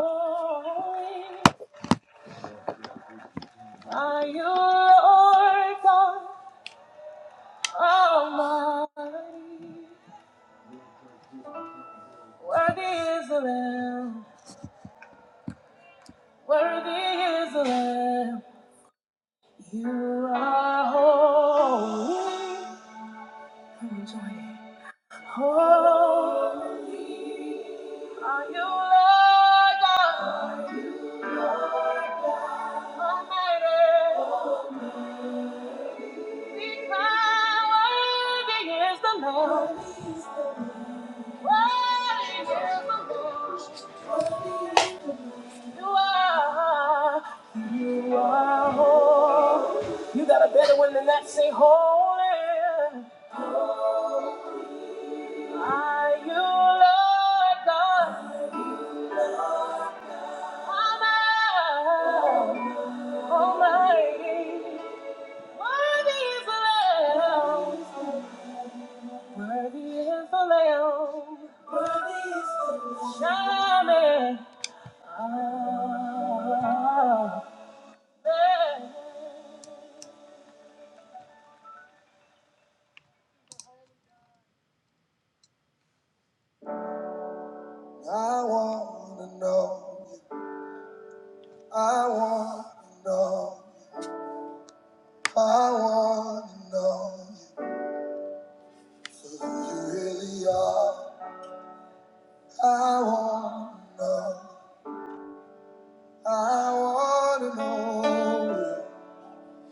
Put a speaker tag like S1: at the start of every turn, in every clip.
S1: Are you Lord God Almighty? Worthy is the Lamb, worthy is the Lamb. You are holy, holy. Are you Lord God? Are you Lord God Almighty? Be crowned, worthy is the Lamb, worthy is the Lamb. You are, you are holy. You got a better one than that. Say holy. Are you Lord God? Almighty, Almighty. Worthy is the Lamb. Worthy is the Lamb. Shining. Ah, yeah. I want to know you. I want to know you. I want to know you for who you really are. I want to know. I want to know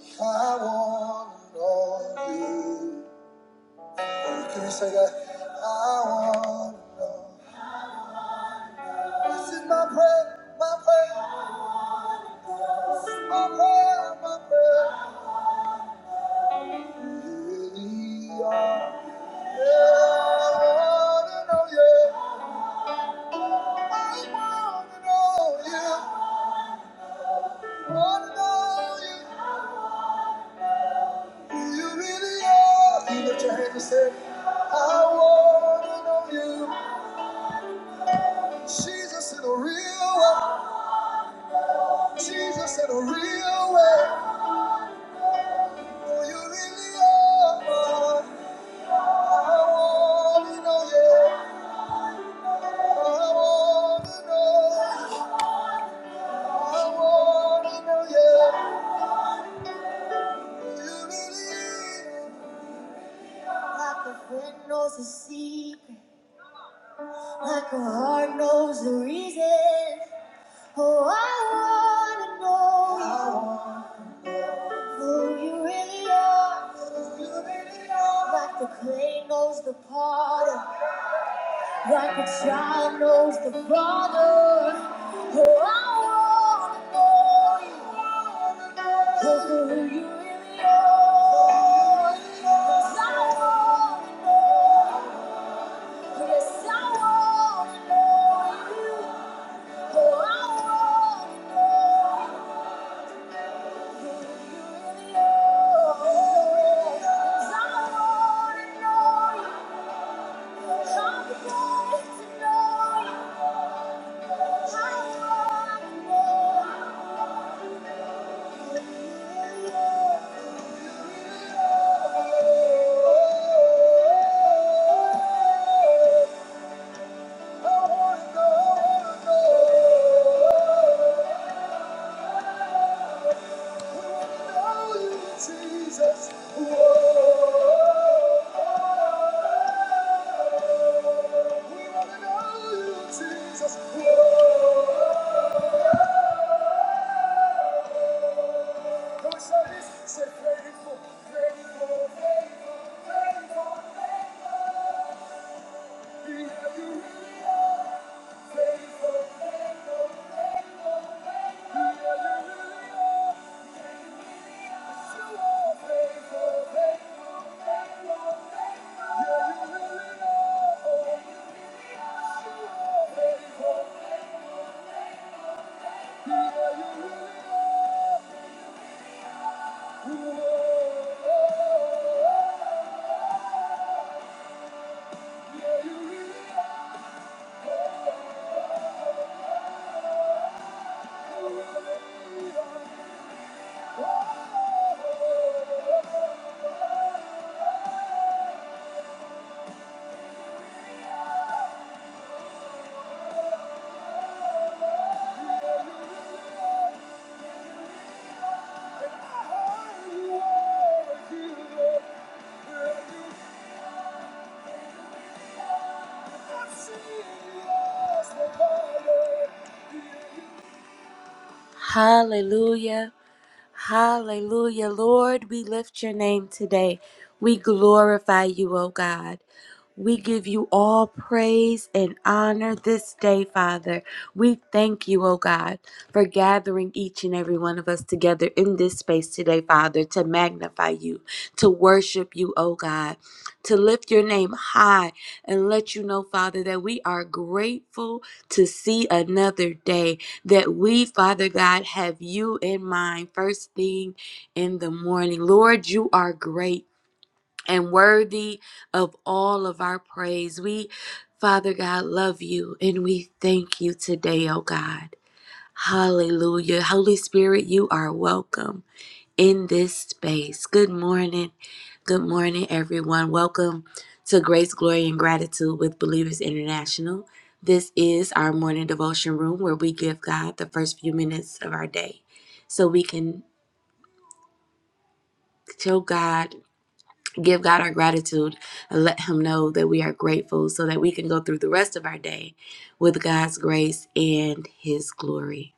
S1: you. I want to know you. Can we say that? I want to know. This is my prayer, my prayer, my prayer, my prayer. Who you really are. Jesus in a real way, Jesus in a real way, who you really are. I want to know you, I want to know you, I want to know you, who you really are. Like a friend knows a secret, like a heart knows the reason. Oh, I wanna know who you really are. Who you really are. Like the clay knows the potter, like a child knows the father. Oh, I wanna know you. I wanna know who you really are. 'Cause I wanna know. Yes, I wanna know you. Oh, I wanna know who you really are. Yes, I wanna know you. I'm getting to know you. I wanna know who you really are. I wanna know, I wanna know. Jesus. Whoa. We want to know you, Jesus. Whoa. Come and shout this. Say, faithful. We you. We have you. release. You are faithful, faithful, faithful, faithful. Yeah, you really are. You are You are a Hallelujah. Hallelujah. Lord, we lift your name today. We glorify you, O God. We give you all praise and honor this day, Father. We thank you, oh God, for gathering each and every one of us together in this space today, Father, to magnify you, to worship you, oh God, to lift your name high and let you know, Father, that we are grateful to see another day, that we, Father God, have you in mind first thing in the morning. Lord, you are great and worthy of all of our praise. We, Father God, love you and we thank you today, oh God. Hallelujah. Holy Spirit, you are welcome in this space. Good morning. Good morning, everyone. Welcome to Grace, Glory, and Gratitude with Believers International. This is our morning devotion room where we give God the first few minutes of our day so we can show God. give God our gratitude and let Him know that we are grateful so that we can go through the rest of our day with God's grace and His glory.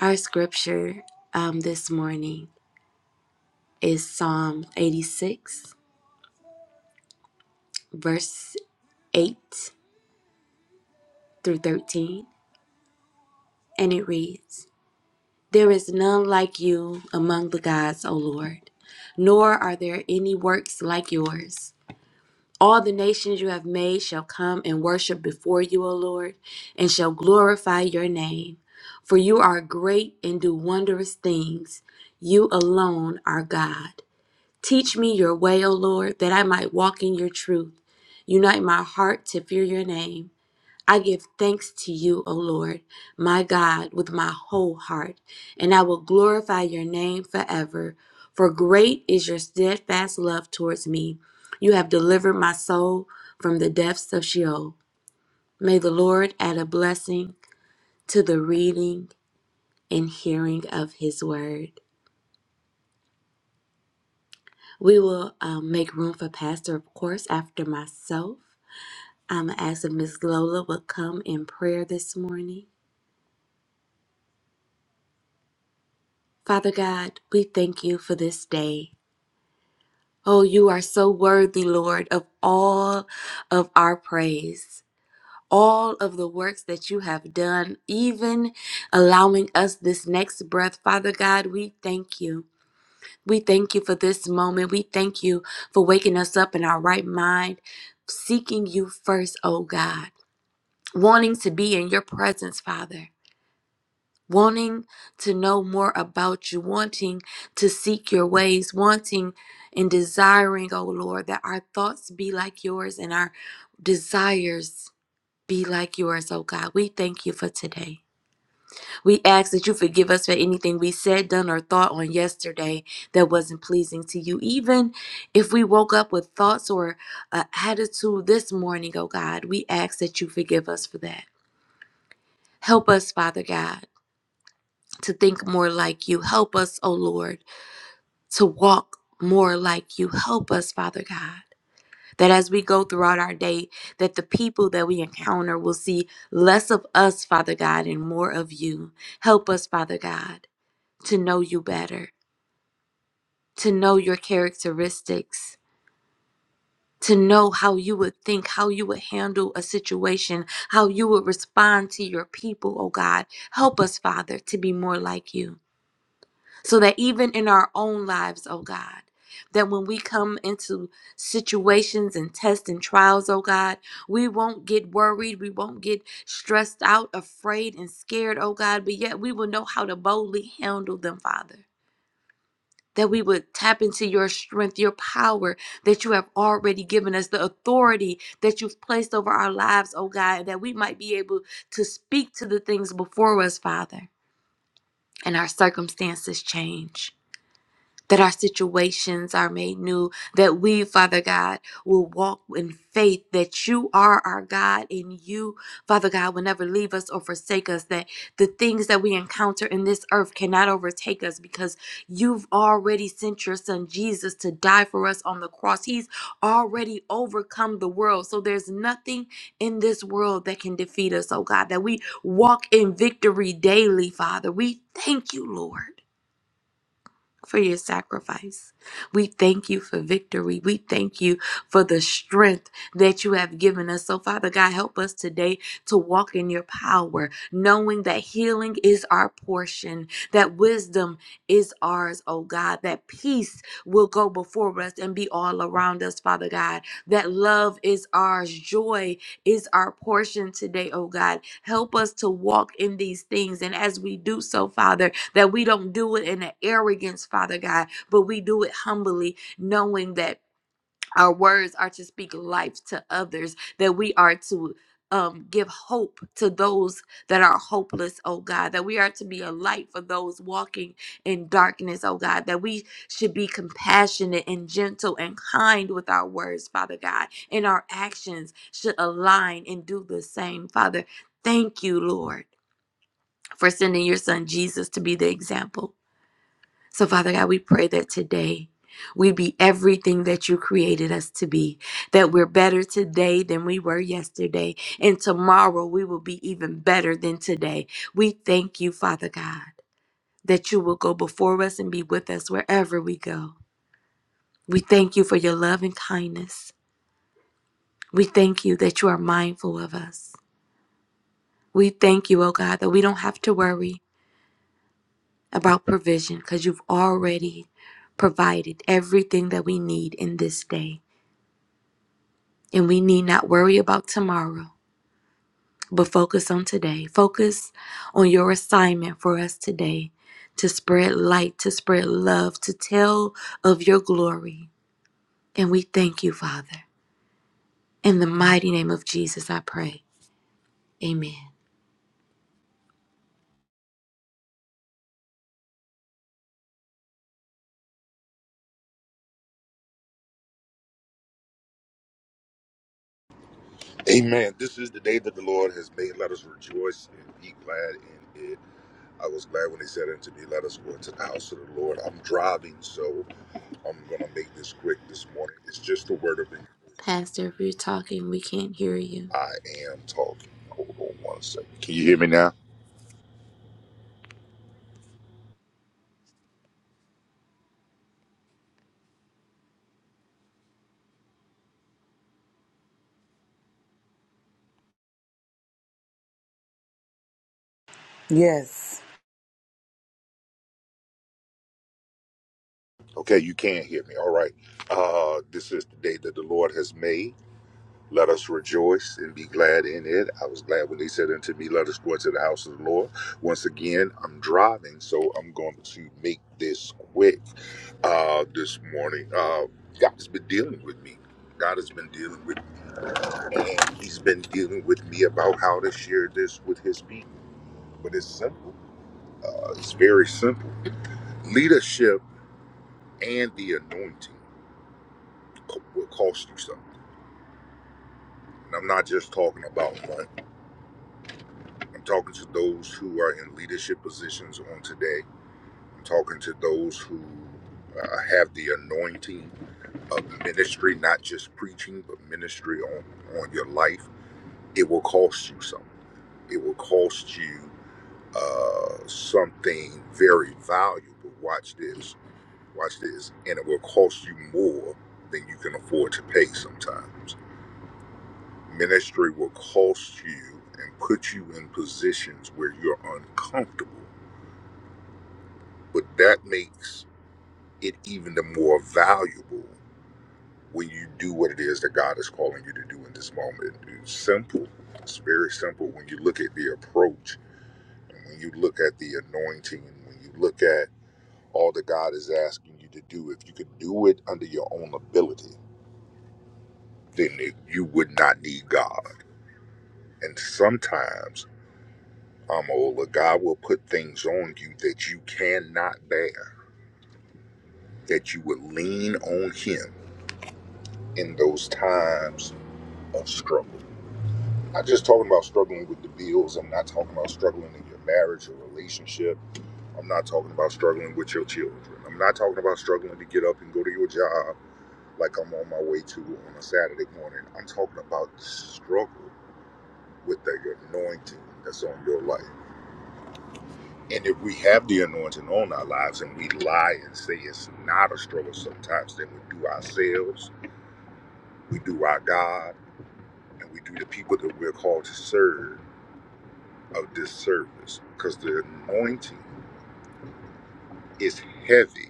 S1: Our scripture um, this morning is Psalm 86, verse 8 through 13, and it reads There is none like you among the gods, O Lord, nor are there any works like yours. All the nations you have made shall come and worship before you, O Lord, and shall glorify your name. For you are great and do wondrous things. You alone are God. Teach me your way, O Lord, that I might walk in your truth. Unite my heart to fear your name. I give thanks to you, O Lord, my God, with my whole heart, and I will glorify your name forever. For great is your steadfast love towards me. You have delivered my soul from the depths of Sheol. May the Lord add a blessing to the reading and hearing of his word. We will um, make room for Pastor, of course, after myself. I'm going to ask if Miss Lola would come in prayer this morning. Father God, we thank you for this day. Oh, you are so worthy, Lord, of all of our praise, all of the works that you have done, even allowing us this next breath. Father God, we thank you. We thank you for this moment. We thank you for waking us up in our right mind, seeking you first, oh God, wanting to be in your presence, Father. wanting to know more about you, wanting to seek your ways, wanting and desiring, oh Lord, that our thoughts be like yours and our desires be like yours, oh God. We thank you for today. We ask that you forgive us for anything we said, done, or thought on yesterday that wasn't pleasing to you. Even if we woke up with thoughts or uh, attitude this morning, oh God, we ask that you forgive us for that. Help us, Father God to think more like you. Help us, O Lord, to walk more like you. Help us, Father God. That as we go throughout our day, that the people that we encounter will see less of us, Father God, and more of you. Help us, Father God, to know you better, to know your characteristics, to know how you would think, how you would handle a situation, how you would respond to your people, oh God. Help us, Father, to be more like you. so that even in our own lives, oh God, that when we come into situations and tests and trials, oh God, we won't get worried, we won't get stressed out, afraid, and scared, oh God, but yet we will know how to boldly handle them, Father. That we would tap into your strength, your power that you have already given us, the authority that you've placed over our lives, oh God, that we might be able to speak to the things before us, Father, and our circumstances change that our situations are made new, that we, Father God, will walk in faith that you are our God and you, Father God, will never leave us or forsake us, that the things that we encounter in this earth cannot overtake us because you've already sent your son Jesus to die for us on the cross. He's already overcome the world. So there's nothing in this world that can defeat us, oh God, that we walk in victory daily, Father. We thank you, Lord for your sacrifice. We thank you for victory. We thank you for the strength that you have given us. So, Father God, help us today to walk in your power, knowing that healing is our portion, that wisdom is ours, oh God, that peace will go before us and be all around us, Father God, that love is ours, joy is our portion today, oh God. Help us to walk in these things. And as we do so, Father, that we don't do it in an arrogance, Father God, but we do it humbly, knowing that our words are to speak life to others, that we are to um, give hope to those that are hopeless, oh God, that we are to be a light for those walking in darkness, oh God, that we should be compassionate and gentle and kind with our words, Father God, and our actions should align and do the same, Father. Thank you, Lord, for sending your son Jesus to be the example. So, Father God, we pray that today we be everything that you created us to be, that we're better today than we were yesterday, and tomorrow we will be even better than today. We thank you, Father God, that you will go before us and be with us wherever we go. We thank you for your love and kindness. We thank you that you are mindful of us. We thank you, oh God, that we don't have to worry about provision because you've already provided everything that we need in this day. And we need not worry about tomorrow, but focus on today. Focus on your assignment for us today to spread light, to spread love, to tell of your glory. And we thank you, Father. In the mighty name of Jesus, I pray. Amen.
S2: Amen. This is the day that the Lord has made. Let us rejoice and be glad in it. I was glad when he said unto me, Let us go into the house of the Lord. I'm driving, so I'm going to make this quick this morning. It's just a word of encouragement.
S1: Pastor, if you're talking, we can't hear you.
S2: I am talking. Hold on one second. Can you hear me now?
S3: Yes.
S2: Okay, you can hear me. All right. Uh, this is the day that the Lord has made. Let us rejoice and be glad in it. I was glad when they said unto me, Let us go into the house of the Lord. Once again, I'm driving, so I'm going to make this quick uh, this morning. Uh, God has been dealing with me. God has been dealing with me, and He's been dealing with me about how to share this with His people. But it's simple, Uh, it's very simple. Leadership and the anointing co- will cost you something. And I'm not just talking about money. I'm talking to those who are in leadership positions on today. I'm talking to those who uh, have the anointing of ministry, not just preaching, but ministry on, on your life. It will cost you something. It will cost you uh, something very valuable. Watch this. Watch this. And it will cost you more than you can afford to pay sometimes. Ministry will cost you and put you in positions where you're uncomfortable But that makes it even the more valuable when you do what it is that God is calling you to do in this moment. It's simple. It's very simple when you look at the approach and when you look at the anointing and when you look at all that God is asking you to do. If you could do it under your own ability, then it, you would not need God. And sometimes, Amola, God will put things on you that you cannot bear, that you would lean on Him in those times of struggle. Not just talking about struggling with the bills. I'm not talking about struggling in your marriage or relationship. I'm not talking about struggling with your children. I'm not talking about struggling to get up and go to your job like I'm on my way to on a Saturday morning. I'm talking about the struggle with the anointing that's on your life. And if we have the anointing on our lives and we lie and say it's not a struggle sometimes, then we do ourselves, we do our God, and we do the people that we're called to serve of this service because the anointing is heavy.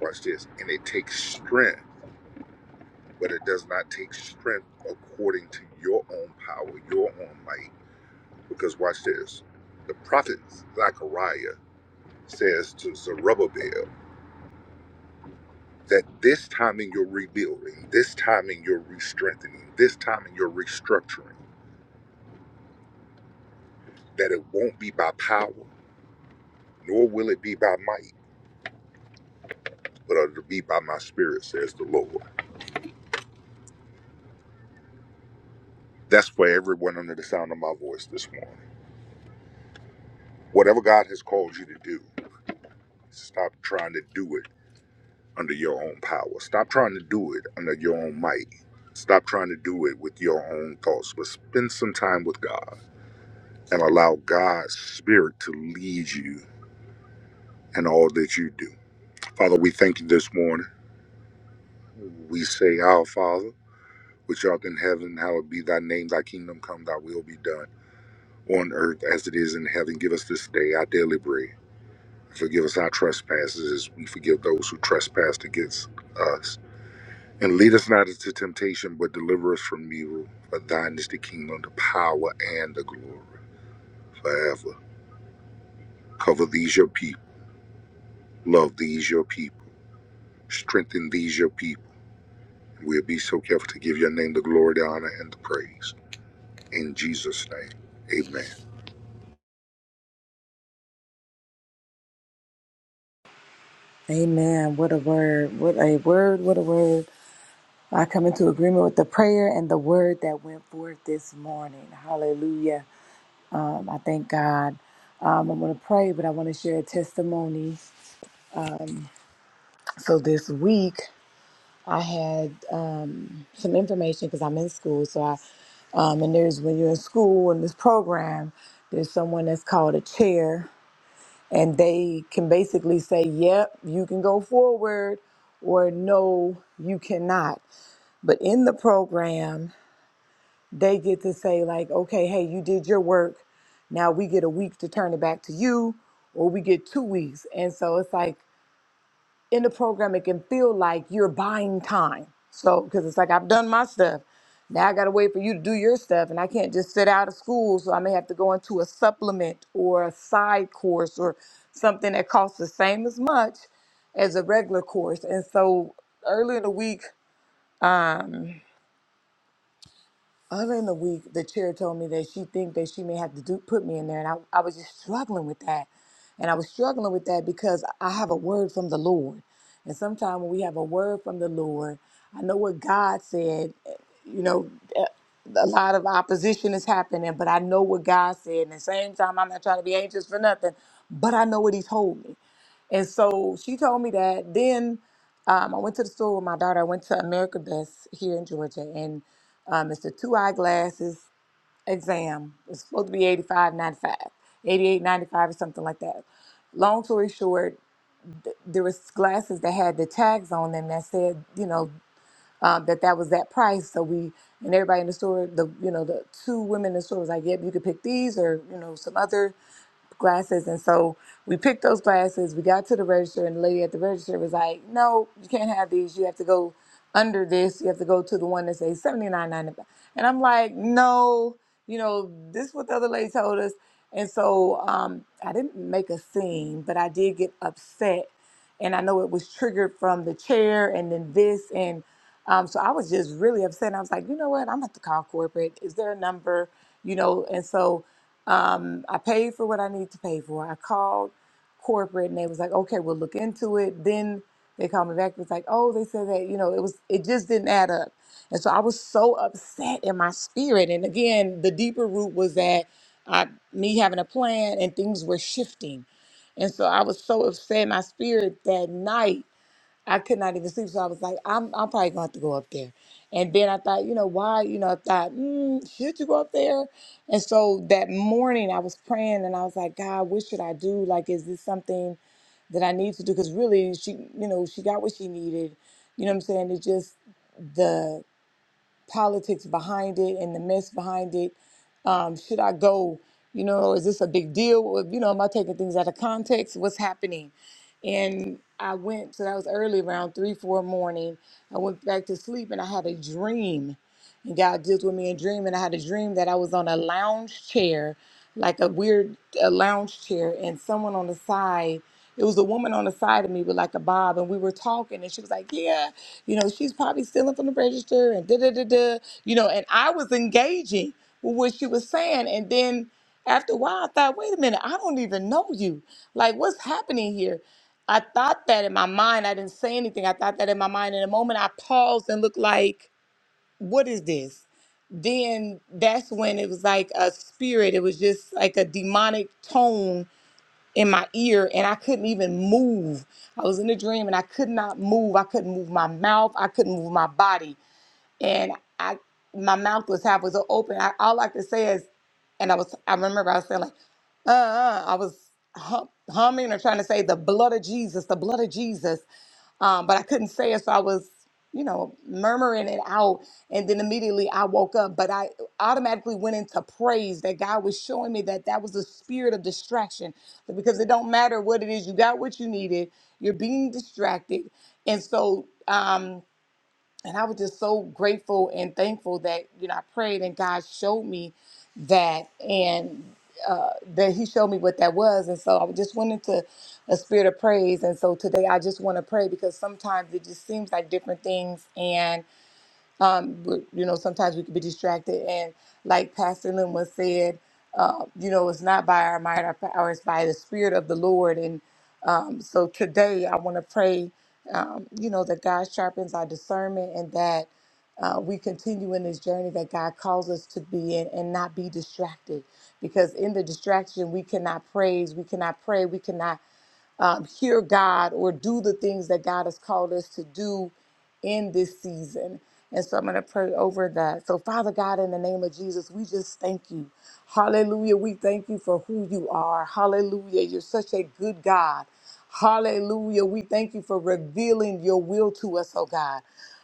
S2: Watch this, and it takes strength, but it does not take strength according to your own power, your own might. Because watch this, the prophet Zechariah says to Zerubbabel that this time in your rebuilding, this time in your re-strengthening, this time in your restructuring, that it won't be by power, nor will it be by might, but it'll be by my spirit, says the Lord. That's for everyone under the sound of my voice this morning. Whatever God has called you to do, stop trying to do it under your own power. Stop trying to do it under your own might. Stop trying to do it with your own thoughts, but spend some time with God and allow God's Spirit to lead you in all that you do. Father, we thank you this morning. We say, Our Father, which art in heaven, hallowed be thy name, thy kingdom come, thy will be done on earth as it is in heaven. Give us this day our daily bread Forgive us our trespasses as we forgive those who trespass against us. And lead us not into temptation, but deliver us from evil. For thine is the kingdom, the power, and the glory forever. Cover these your people. Love these your people. Strengthen these your people. We'll be so careful to give your name the glory, the honor, and the praise. In Jesus' name, amen.
S3: Amen. What a word. What a word. What a word. I come into agreement with the prayer and the word that went forth this morning. Hallelujah. Um, I thank God. Um, I'm going to pray, but I want to share a testimony. So this week, I had um, some information because I'm in school. So I, um, and there's when you're in school in this program, there's someone that's called a chair and they can basically say, yep, you can go forward, or no, you cannot. But in the program, they get to say, like, okay, hey, you did your work. Now we get a week to turn it back to you, or we get two weeks. And so it's like, in the program, it can feel like you're buying time. So, because it's like I've done my stuff. Now I got to wait for you to do your stuff, and I can't just sit out of school. So I may have to go into a supplement or a side course or something that costs the same as much as a regular course. And so early in the week, um, Earlier in the week, the chair told me that she think that she may have to do put me in there, and I, I was just struggling with that, and I was struggling with that because I have a word from the Lord, and sometimes when we have a word from the Lord, I know what God said. eh, You know, eh, a lot of opposition is happening, but I know what God said. And at the same time, I'm not trying to be anxious for nothing, but I know what He's holding. And so she told me that. Then um, I went to the store with my daughter. I went to America Best here in Georgia, and um, it's a two eyeglasses exam. It's supposed to be 85, 95, 88, 95, or something like that. Long story short, there was glasses that had the tags on them that said, you know, um, that that was that price. So we and everybody in the store, the you know, the two women in the store was like, "Yep, you could pick these or you know some other glasses. And so we picked those glasses. We got to the register, and the lady at the register was like, "No, you can't have these. You have to go under this. You have to go to the one that says seventy nine ninety five. And I'm like, "No, you know, this is what the other lady told us." And so um, I didn't make a scene, but I did get upset, and I know it was triggered from the chair, and then this, and um, so I was just really upset. And I was like, "You know what? I'm gonna have to call corporate. Is there a number?" You know, and so um, I paid for what I need to pay for. I called corporate and they was like, okay, we'll look into it. Then they called me back. It was like, oh, they said that, you know, it was, it just didn't add up. And so I was so upset in my spirit. And again, the deeper root was that I, me having a plan and things were shifting. And so I was so upset in my spirit that night I could not even sleep. So I was like, I'm, I'm probably going to have to go up there. And then I thought, you know, why? You know, I thought, mm, should you go up there? And so that morning I was praying and I was like, God, what should I do? Like, is this something that I need to do? Because really, she, you know, she got what she needed. You know what I'm saying? It just, the politics behind it and the mess behind it. Um, should I go? You know, is this a big deal? Or, You know, am I taking things out of context? What's happening? And I went, so that was early around three, four morning. I went back to sleep and I had a dream. And God deals with me in dream. And I had a dream that I was on a lounge chair, like a weird uh lounge chair, and someone on the side it was a woman on the side of me with like a bob, and we were talking, and she was like, "Yeah, you know, she's probably stealing from the register," and da da da da, you know. And I was engaging with what she was saying, and then after a while, I thought, "Wait a minute, I don't even know you. Like, what's happening here?" I thought that in my mind. I didn't say anything. I thought that in my mind. In a moment, I paused and looked like, "What is this?" Then that's when it was like a spirit. It was just like a demonic tone in my ear and I couldn't even move. I was in a dream and I could not move. I couldn't move my mouth. I couldn't move my body. And I my mouth was half was open. I, all I could say is and I was I remember I was saying like, uh, uh I was hum, humming or trying to say the blood of Jesus, the blood of Jesus um, but I couldn't say it, so I was, you know, murmuring it out. And then immediately I woke up, but I automatically went into praise that God was showing me that that was the spirit of distraction, because it don't matter what it is, you got what you needed, you're being distracted, and so. Um, and I was just so grateful and thankful that you know I prayed and God showed me that and uh, that He showed me what that was, and so I just went into a spirit of praise. And so today I just want to pray because sometimes it just seems like different things, and. Um, but, you know, sometimes we can be distracted. And like Pastor Lynn was said, uh, you know, it's not by our might or power, it's by the Spirit of the Lord. And um, so today I want to pray, um, you know, that God sharpens our discernment and that uh, we continue in this journey that God calls us to be in and not be distracted. Because in the distraction, we cannot praise, we cannot pray, we cannot um, hear God or do the things that God has called us to do in this season. And so I'm going to pray over that. So, Father God, in the name of Jesus, we just thank you. Hallelujah. We thank you for who you are. Hallelujah. You're such a good God. Hallelujah. We thank you for revealing your will to us, oh God.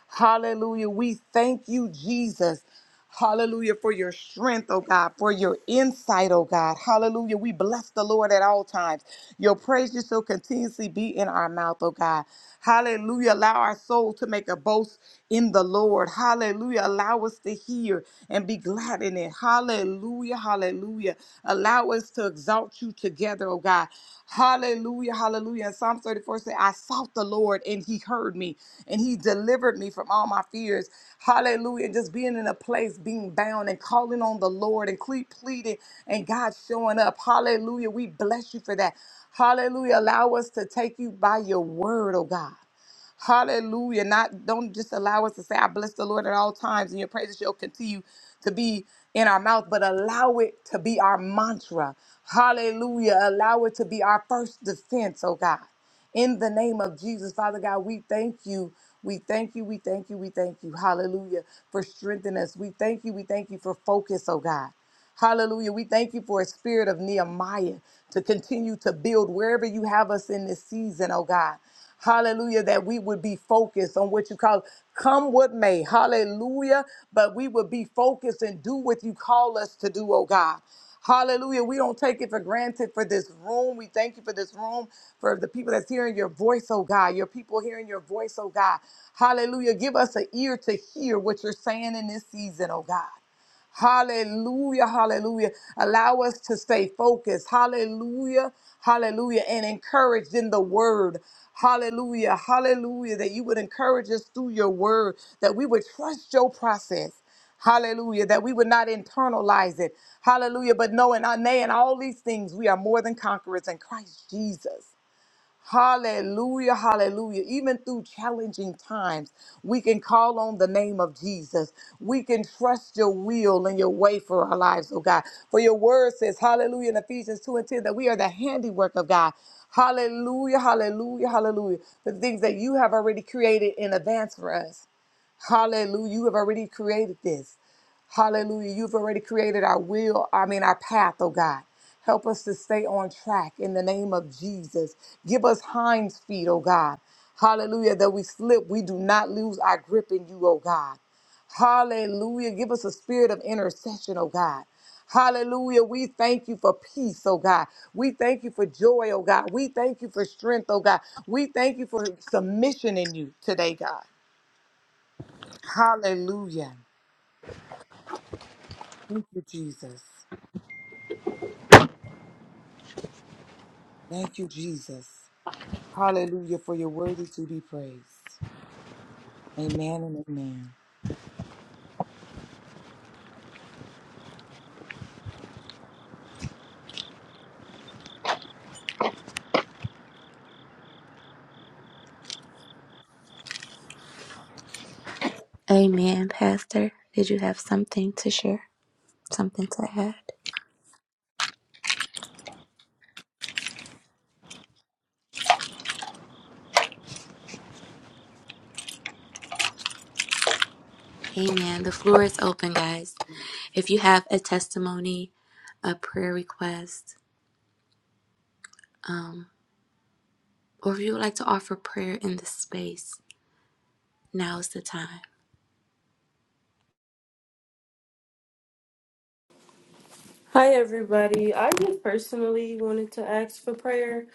S3: Hallelujah. We thank you, Jesus. Hallelujah for your strength, oh God, for your insight, oh God. Hallelujah. We bless the Lord at all times. Your praises shall continuously be in our mouth, oh God. Hallelujah. Allow our soul to make a boast in the Lord. Hallelujah. Allow us to hear and be glad in it. Hallelujah. Hallelujah. Allow us to exalt you brought you together, oh God. Hallelujah, hallelujah. And Psalm 34 said, I sought the Lord and he heard me and he delivered me from all my fears. Hallelujah. Just being in a place, being bound and calling on the Lord and cle- pleading and God showing up. Hallelujah. We bless you for that. Hallelujah. Allow us to take you by your word, oh God. Hallelujah. Not don't just allow us to say, I bless the Lord at all times, and your praises shall continue to be in our mouth, but allow it to be our mantra. Hallelujah. Allow it to be our first defense, oh God. In the name of Jesus, Father God, we thank you. We thank you. We thank you. We thank you. Hallelujah. For strengthening us. We thank you. We thank you for focus, oh God. Hallelujah. We thank you for a spirit of Nehemiah to continue to build wherever you have us in this season, oh God. Hallelujah, that we would be focused on what you call come what may. Hallelujah, but we would be focused and do what you call us to do, oh God. Hallelujah. We don't take it for granted for this room. We thank you for this room, for the people that's hearing your voice, oh God, your people hearing your voice, oh God. Hallelujah. Give us an ear to hear what you're saying in this season, oh God. Hallelujah, hallelujah. Allow us to stay focused. Hallelujah, hallelujah. And encouraged in the word. Hallelujah, hallelujah. That you would encourage us through your word, that we would trust your process. Hallelujah. That we would not internalize it. Hallelujah. But knowing, uh, nay, in all these things, we are more than conquerors in Christ Jesus. Hallelujah, hallelujah. Even through challenging times, we can call on the name of Jesus. We can trust your will and your way for our lives, oh God. For your word says, hallelujah, in Ephesians 2 and 10, that we are the handiwork of God. Hallelujah, hallelujah, hallelujah. The things that you have already created in advance for us. Hallelujah. You have already created this. Hallelujah. You've already created our will, I mean, our path, oh God. Help us to stay on track in the name of Jesus. Give us hinds feet, oh God. Hallelujah. That we slip, we do not lose our grip in you, oh God. Hallelujah. Give us a spirit of intercession, oh God. Hallelujah. We thank you for peace, oh God. We thank you for joy, oh God. We thank you for strength, oh God. We thank you for submission in you today, God. Hallelujah. Thank you, Jesus. Thank you, Jesus. Hallelujah, for your worthy to be praised. Amen and amen.
S1: Amen, Pastor. Did you have something to share? Something to add? Amen. The floor is open, guys. If you have a testimony, a prayer request, um. or if you would like to offer prayer in this space, now is the time.
S4: Hi, everybody. I just personally wanted to ask for prayer.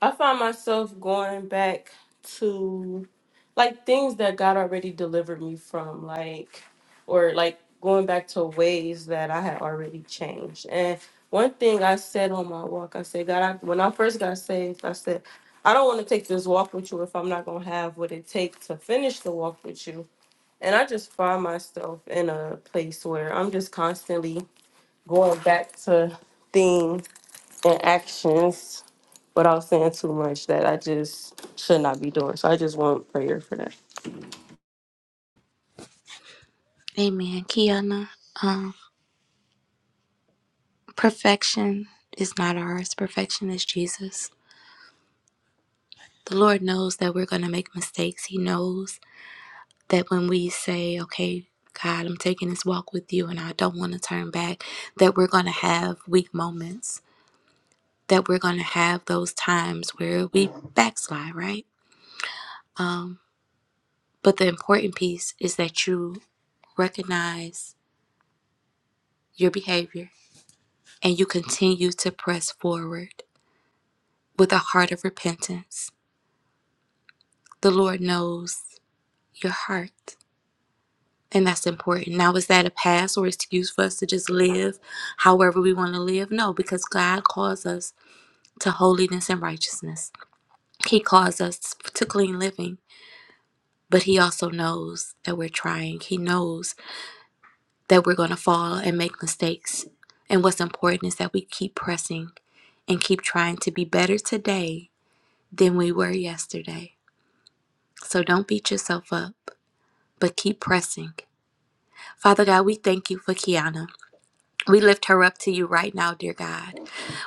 S4: I find myself going back to like things that God already delivered me from, like, or like going back to ways that I had already changed. And one thing I said on my walk, I said, God, I, when I first got saved, I said, I don't want to take this walk with you if I'm not going to have what it takes to finish the walk with you. And I just find myself in a place where I'm just constantly going back to theme and actions without saying too much that I just should not be doing. So I just want prayer for that.
S1: Amen. Kiana, um, perfection is not ours, perfection is Jesus. The Lord knows that we're going to make mistakes. He knows that when we say, okay, God, I'm taking this walk with you and I don't want to turn back, that we're going to have weak moments, that we're going to have those times where we backslide, right? Um, but the important piece is that you recognize your behavior and you continue to press forward with a heart of repentance, the Lord knows your heart. And that's important. Now, is that a pass or excuse for us to just live however we want to live? No, because God calls us to holiness and righteousness. He calls us to clean living, but He also knows that we're trying. He knows that we're going to fall and make mistakes. And what's important is that we keep pressing and keep trying to be better today than we were yesterday. So don't beat yourself up, but keep pressing. Father God, we thank you for Kiana. We lift her up to you right now, dear God.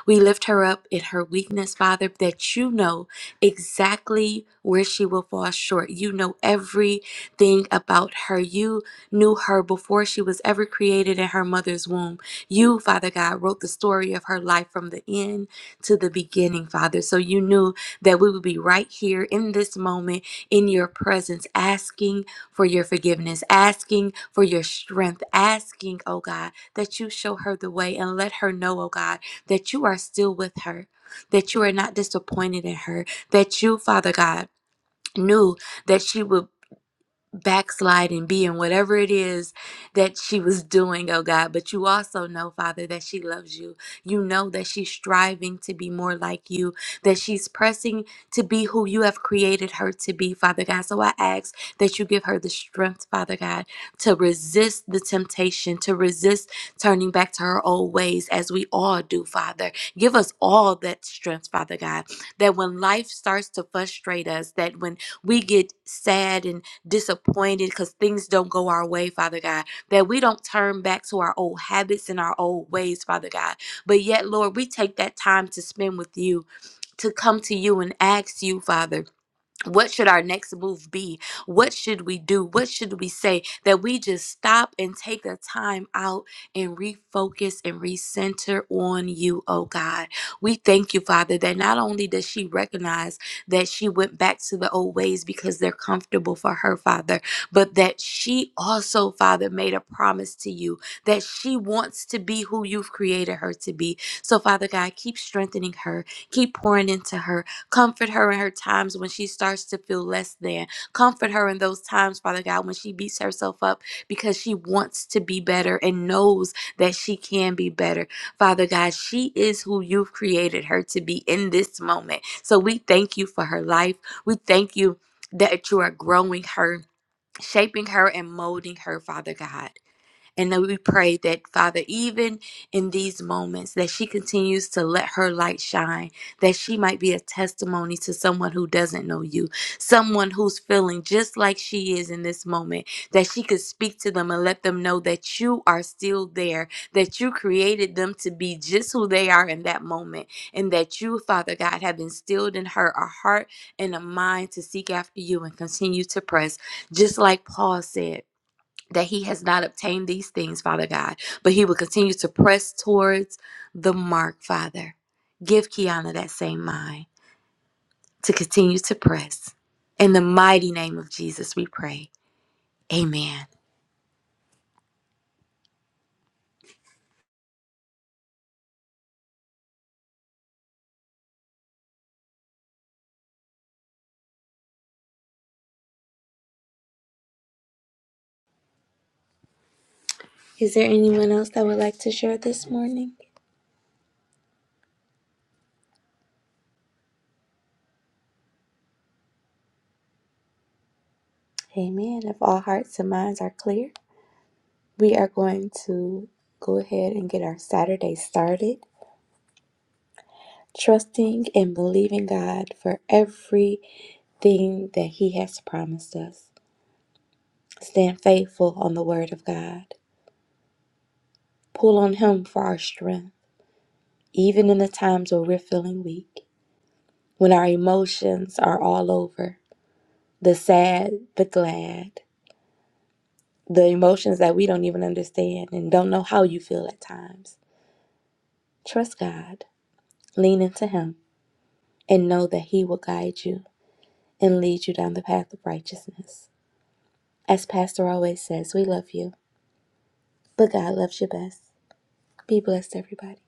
S1: We lift her up in her weakness, Father, that you know exactly where she will fall short. You know everything about her. You knew her before she was ever created in her mother's womb. You, Father God, wrote the story of her life from the end to the beginning, Father. So you knew that we would be right here in this moment in your presence, asking for your forgiveness, asking for your strength, asking, oh God that you show her the way and let her know, oh God, that you are still with her, that you are not disappointed in her, that you, Father God, knew that she would backslide and be in whatever it is that she was doing, oh God. But you also know, Father, that she loves you. You know that she's striving to be more like you, that she's pressing to be who you have created her to be, Father God. So I ask that you give her the strength, Father God, to resist the temptation, to resist turning back to her old ways as we all do, Father. Give us all that strength, Father God, that when life starts to frustrate us, that when we get sad and disappointed because things don't go our way, Father God, that we don't turn back to our old habits and our old ways, Father God. But yet, Lord, we take that time to spend with you, to come to you and ask you, Father what should our next move be? What should we do? What should we say? That we just stop and take the time out and refocus and recenter on you, oh God. We thank you, Father, that not only does she recognize that she went back to the old ways because they're comfortable for her, Father, but that she also, Father, made a promise to you that she wants to be who you've created her to be. So, Father God, keep strengthening her, keep pouring into her, Comfort her in her times when she starts to feel less than. Comfort her in those times, Father God, when she beats herself up because she wants to be better and knows that she can be better. Father God, she is who you've created her to be in this moment. So we thank you for her life. We thank you that you are growing her. Shaping her and molding her, Father God. And that we pray that, Father, even in these moments, that she continues to let her light shine, that she might be a testimony to someone who doesn't know you, someone who's feeling just like she is in this moment, that she could speak to them and let them know that you are still there, that you created them to be just who they are in that moment, and that you, Father God, have instilled in her a heart and a mind to seek after you and continue to press, just like Paul said that he has not obtained these things, Father God, but he will continue to press towards the mark, Father. Give Kiana that same mind to continue to press. In the mighty name of Jesus, we pray. Amen. Is there anyone else that would like to share this morning? Amen. If all hearts and minds are clear, we are going to go ahead and get our Saturday started, trusting and believing God for everything that He has promised us. Stand faithful on the word of God. Pull on Him for our strength, even in the times where we're feeling weak, when our emotions are all over the sad, the glad, the emotions that we don't even understand and don't know how you feel at times. Trust God, lean into Him, and know that He will guide you and lead you down the path of righteousness. As Pastor always says, we love you, but God loves you best. Be blessed, everybody.